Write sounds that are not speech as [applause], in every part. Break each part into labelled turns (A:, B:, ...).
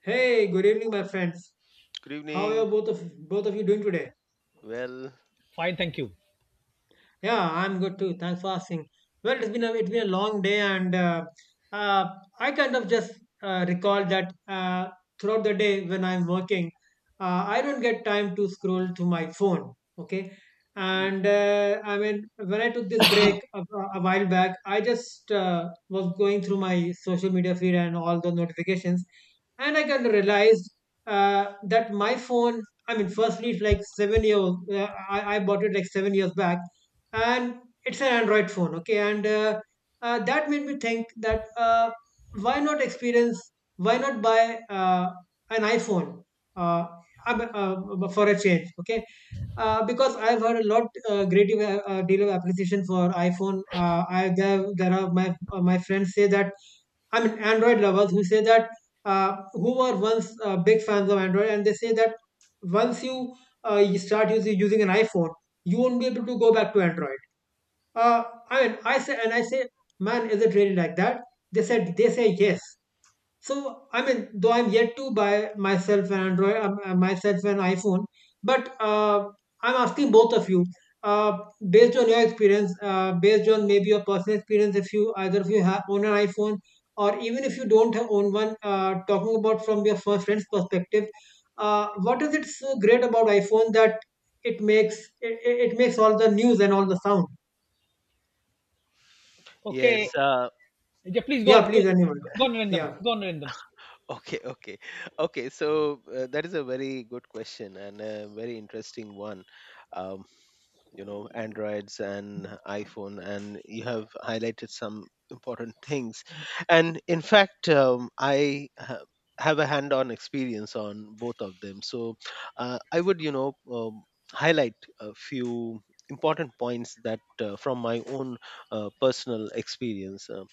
A: Hey, good evening, my friends.
B: Good
A: How are
B: evening.
A: both of you doing today?
B: Well,
C: Fine, thank you.
A: Yeah, I'm good too. Thanks for asking. Well, it's been a long day, and uh, I kind of just recall that throughout the day when I'm working, I don't get time to scroll through my phone. Okay, and I mean when I took this break a while back, I just was going through my social media feed and all the notifications, and I kind of realized that my phone. I mean, firstly, it's like 7 years. I bought it like 7 years back, and it's an android phone. Okay, and that made me think that why not buy an iphone, uh, for a change. Okay, because I've heard a lot, great deal of appreciation for iPhone. There are my my friends say that, I mean, Android lovers who say that, who were once big fans of Android, and they say that once you you start using an iPhone, you won't be able to go back to Android. uh, I mean, I say, man, is it really like that? They say yes. So, I mean, though I'm yet to buy myself an iPhone, but I'm asking both of you, uh, based on your experience, based on maybe your personal experience, if you either of you have own an iPhone, or even if you don't have own one, talking about from your first friend's perspective, what is it so great about iPhone that it makes it makes all the news and all the sound?
C: Okay,
B: yes.
C: yeah, please go on.
A: Yeah,
C: Go,
A: please, anyone.
C: go on, Narendam.
A: Yeah.
C: Go on, Narendam.
B: [laughs] Okay, okay, okay. So that is a very good question and a very interesting one. Um, you know, Androids and iPhone, and you have highlighted some important [laughs] things. And in fact, have a hand-on experience on both of them. So I would, you know, highlight a few important points that from my own personal experience.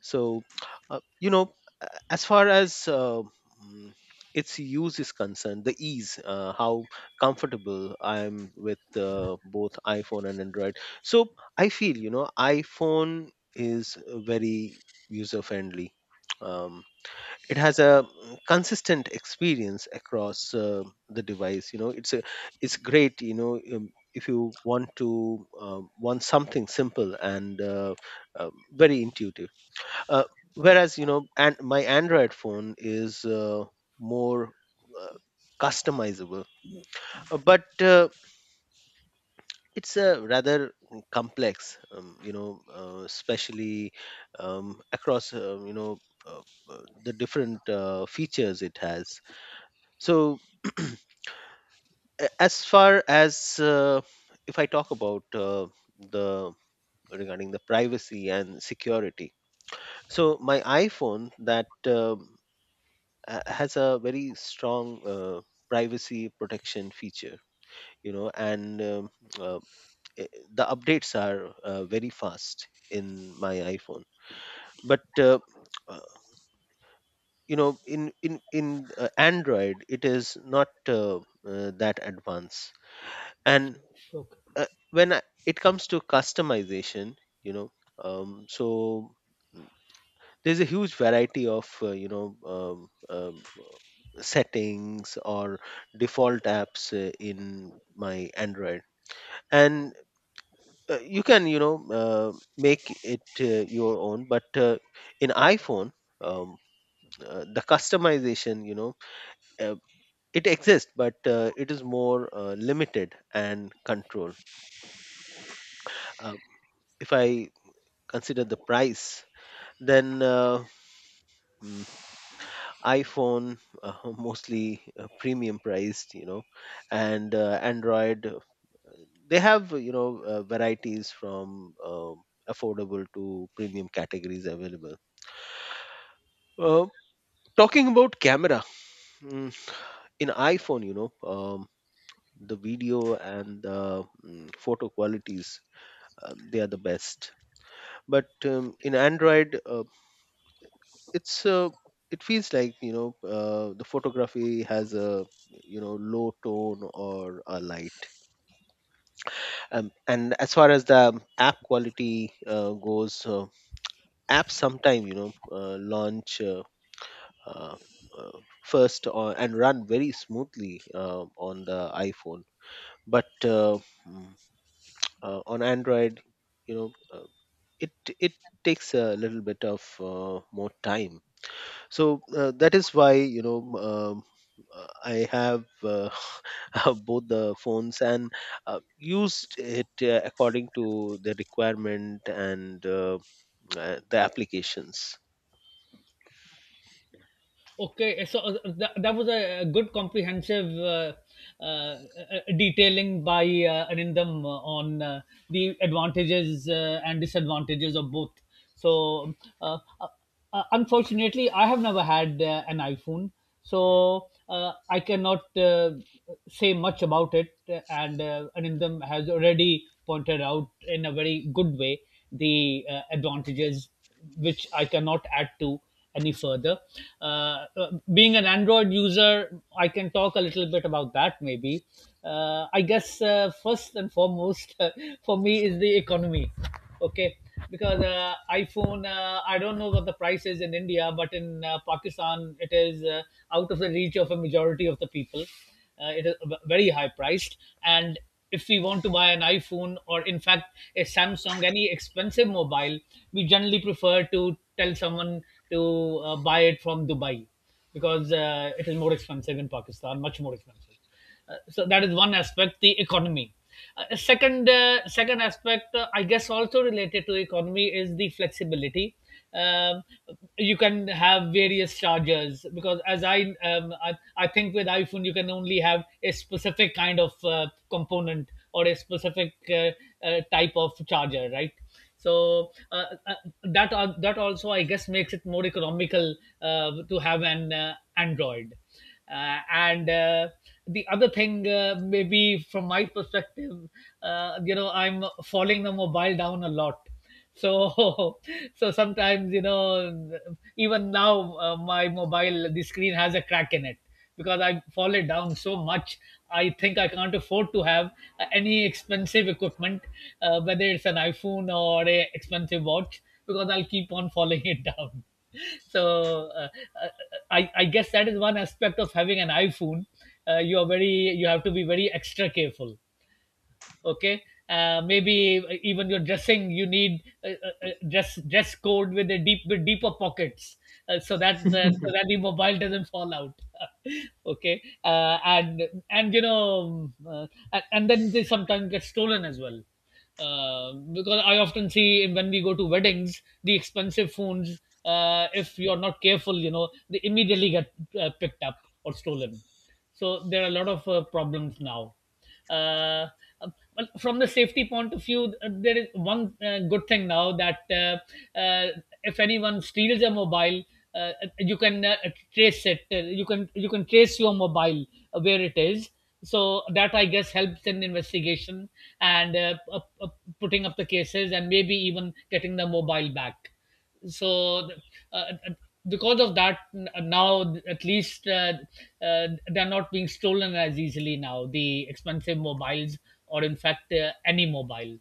B: So, you know, as far as mm, its use is concerned, the ease, how comfortable I am with both iPhone and Android. So, I feel, you know, iPhone is very user friendly. Um, it has a consistent experience across the device. You know, it's great. You know, if you want to want something simple and very intuitive, uh, whereas you know, and my android phone is more uh, customizable. But it's a rather complex, you know, especially across, you know, the different features it has. So [clears throat] as far as if I talk about, the regarding the privacy and security, so my iphone that has a very strong privacy protection feature, you know, and uh, eh, the updates are very fast in my iphone, but uh, you know, in android it is not that advanced. And
C: Okay.
B: uh, when it comes to customization, you know, so there's a huge variety of, you know, settings or default apps in my android, and you can, you know, make it your own, but in iphone, um, the customization, you know, uh, it exists, but it is more limited and controlled. uh, if I consider the price, then hmm, iphone, [laughs] mostly premium priced, you know, and android, they have, you know, varieties from affordable to premium categories available. uh, Talking about camera, mm, in iphone, you know, the video and the photo qualities, they are the best, but in android it's uh, it feels like, you know, the photography has a, you know, low tone or a light. And as far as the, app quality goes, apps sometime, you know, launch, uh, uh, first and run very smoothly on the iphone, but mm, on android, you know, it it takes a little bit of more time. So that is why, you know, I have, [laughs] both the phones and used it according to the requirement and the applications.
C: Okay, so that was a good comprehensive uh, uh, detailing by Anindam on the advantages and disadvantages of both. So, uh, uh, unfortunately, I have never had an iPhone, so I cannot say much about it. And Anindam has already pointed out in a very good way the advantages which I cannot add to any further. Being an Android user, I can talk a little bit about that maybe. I guess first and foremost [laughs] for me is the economy. Okay. Because iPhone, I don't know what the price is in India, but in Pakistan, it is out of the reach of a majority of the people. It is very high priced, and if we want to buy an iPhone or in fact a Samsung, any expensive mobile, we generally prefer to tell someone to buy it from Dubai, because it is more expensive in Pakistan, much more expensive. So that is one aspect, the economy. Second aspect, I guess, also related to economy is the flexibility. um, you can have various chargers, because as I think with iPhone you can only have a specific kind of component or a specific type of charger, right? So that also, I guess, makes it more economical to have an Android. And The other thing, maybe from my perspective, you know, I'm falling the mobile down a lot. So [laughs] so sometimes, you know, even now, my mobile, the screen has a crack in it because I fall it down so much. I think I can't afford to have any expensive equipment, whether it's an iPhone or a expensive watch, because I'll keep on [laughs] falling it down. [laughs] So uh, I guess that is one aspect of having an iPhone. You are very, you have to be very extra careful. Okay. Maybe even your dressing, you need a dress code with a deeper pockets so that the, so that the mobile doesn't fall out. [laughs] Okay. And you know, and then they sometimes get stolen as well, because I often see in- when we go to weddings, the expensive phones, if you're not careful, you know, they immediately get picked up or stolen. So there are a lot of problems now. uh, well, from the safety point of view, there is one good thing now that if anyone steals a mobile, uh, you can trace it. You can, you can trace your mobile where it is. So that, I guess, helps in investigation and putting up the cases and maybe even getting the mobile back. So uh, uh, because of that, now at least they're not being stolen as easily now, the expensive mobiles, or in fact any mobile.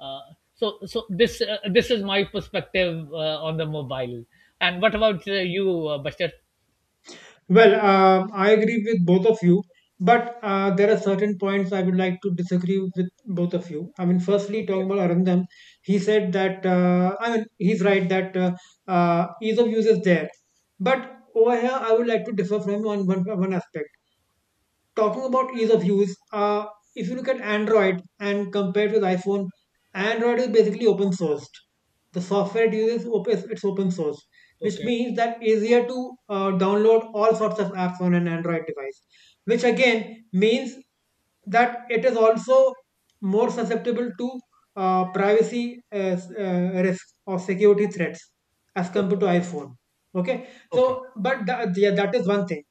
C: Uh, so so this, this is my perspective on the mobile. And what about you, Bashar?
A: Well, I agree with both of you, but there are certain points I would like to disagree with both of you. I mean, firstly,
C: Okay,
A: talking about Arundham, he said that, I mean, he's right that ease of use is there. But over here, I would like to differ from him on one aspect. Talking about ease of use, if you look at Android and compared with iPhone, Android is basically open sourced. The software it it's open source, which
C: okay.
A: means that easier to download all sorts of apps on an Android device, which again means that it is also more susceptible to privacy risk or security threats as compared to iPhone. Okay,
C: Okay,
A: so but that, yeah, that is one thing.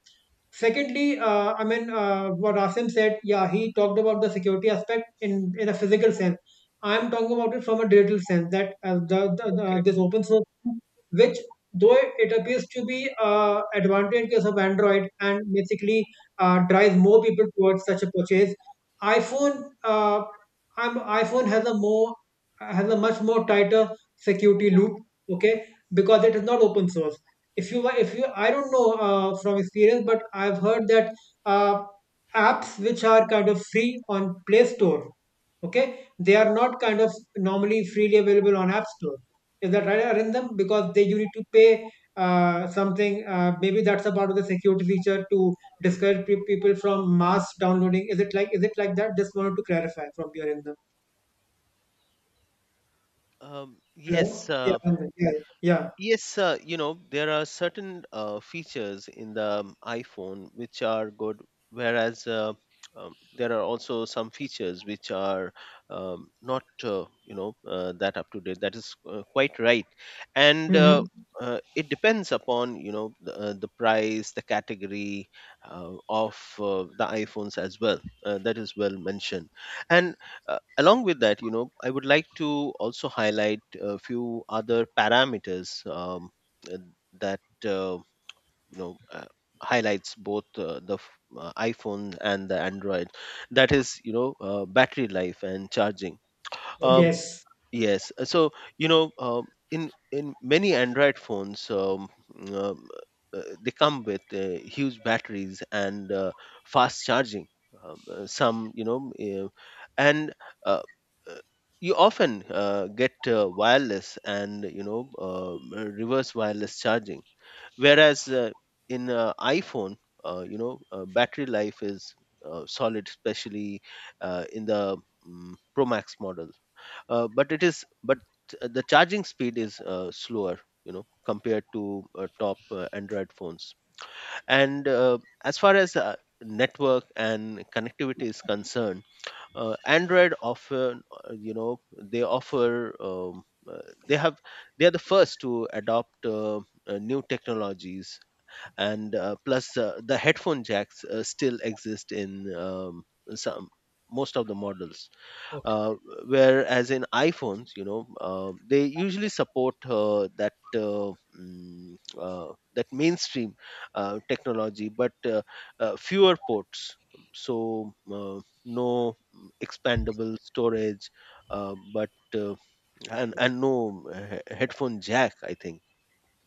A: Secondly, I mean, what Asim said, yeah, he talked about the security aspect in a physical sense. I'm talking about it from a digital sense that
C: okay,
A: this open source, which though it appears to be advantage in case of Android and basically drives more people towards such a purchase. iPhone, uh, iPhone has a much more tighter security loop, okay, because it is not open source. If you I don't know, from experience, but I've heard that uh, apps which are kind of free on Play Store, okay, they are not kind of normally freely available on App Store. Is that right, Arindam? Because they you need to pay something. Maybe that's a part of the security feature to discourage people from mass downloading. Is it like that? Just wanted to clarify from your end.
B: um,
A: Hello?
B: yes
A: Yeah,
B: um,
A: Arindam. Yeah, yeah, yeah.
B: Yes, you know, there are certain features in the, iPhone which are good, whereas there are also some features which are not, you know, that up to date. That is quite right. And
A: Hmm.
B: it depends upon, you know, the price, the category of the iPhones as well. That is well mentioned. And along with that, you know, I would like to also highlight a few other parameters, uh, that you know, highlights both, iPhone and the Android. That is, you know, battery life and charging.
C: okay,
B: Um
C: okay,
A: Yes.
B: Yes. So, you know, in many Android phones, um, they come with huge batteries and fast charging. Some, you know, and uh, uh, you often get wireless and, you know, reverse wireless charging. Whereas in iPhone, you know, battery life is solid, especially in the, Pro Max model, but the charging speed is slower, you know, compared to top android phones. And as far as network and connectivity is concerned, android often, you know, they offer, uh, they have they are the first to adopt new technologies. And plus the headphone jacks still exist in, some most of the models,
C: okay,
B: uh, whereas in iPhones, you know, they usually support, that mainstream technology, but fewer ports. So no expandable storage, but and no headphone jack, I think.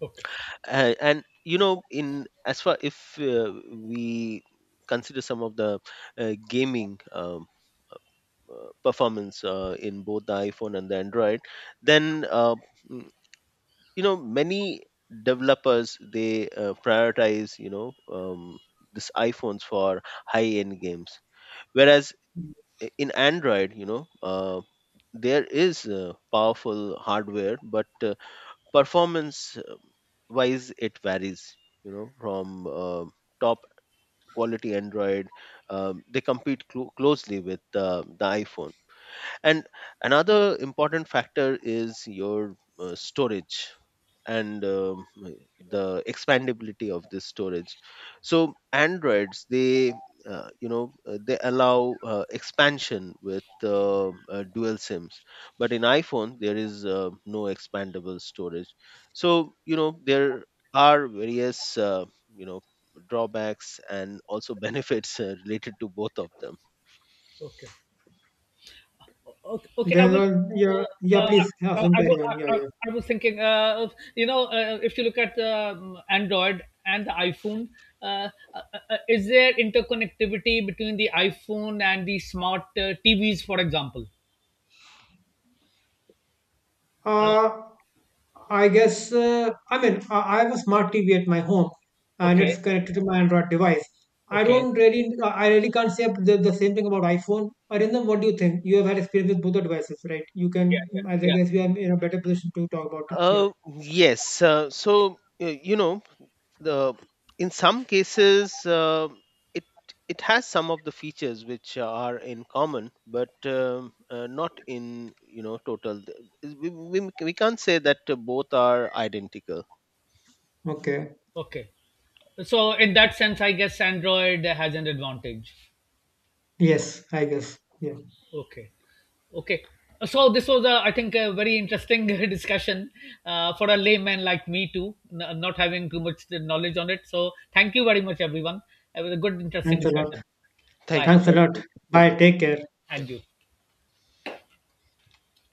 C: okay,
B: And you know, in as far if we consider some of the gaming. Performance in both the iphone and the android, then mm, you know, many developers they prioritize, you know, this iphones for high end games, whereas in android, you know, there is powerful hardware, but performance wise it varies, you know, from top quality android, they compete closely with the iphone. And another important factor is your storage and, the expandability of this storage. So androids they you know, they allow expansion with dual sims, but in iphone there is no expandable storage. So you know there are various you know drawbacks and also [laughs] benefits related to both of them.
C: okay. Okay, okay. I
A: Then,
C: was,
A: yeah,
C: uh,
A: yeah,
C: uh,
A: please,
C: I,
A: Asim,
C: I,
A: carry on. Yeah,
C: I, I
A: yeah.
C: I was thinking, you know, if you look at Android and the iPhone, uh, uh, is there interconnectivity between the iPhone and the smart TVs, for example? Uh,
A: Uh, I guess, I mean, I have a smart TV at my home, and
C: okay,
A: it's connected to my Android device. I
C: okay,
A: don't really, I really can't say the same thing about iPhone. Arindam, what do you think? You have had experience with both the devices, right? You
C: yeah,
A: can, I
C: yeah, yeah.
A: guess we are in a better position to talk about it here.
B: uh, yes. So you know, the in some cases it it has some of the features which are in common, but not in, you know, total. We can't say that both are identical.
A: Okay.
C: Okay. So in that sense, I guess Android has an advantage.
A: Yes, I guess. Yeah.
C: Okay. Okay. So this was, a, I think, a very interesting [laughs] discussion for a layman like me too, not having too much knowledge on it. So thank you very much, everyone. It was a good, interesting
A: Thanks a lot.
C: discussion.
B: Thank
C: Bye,
B: you.
A: Thanks a
B: Have a
A: lot.
B: great day. Bye bye.
A: Bye. Take care.
B: Yeah.
C: and you.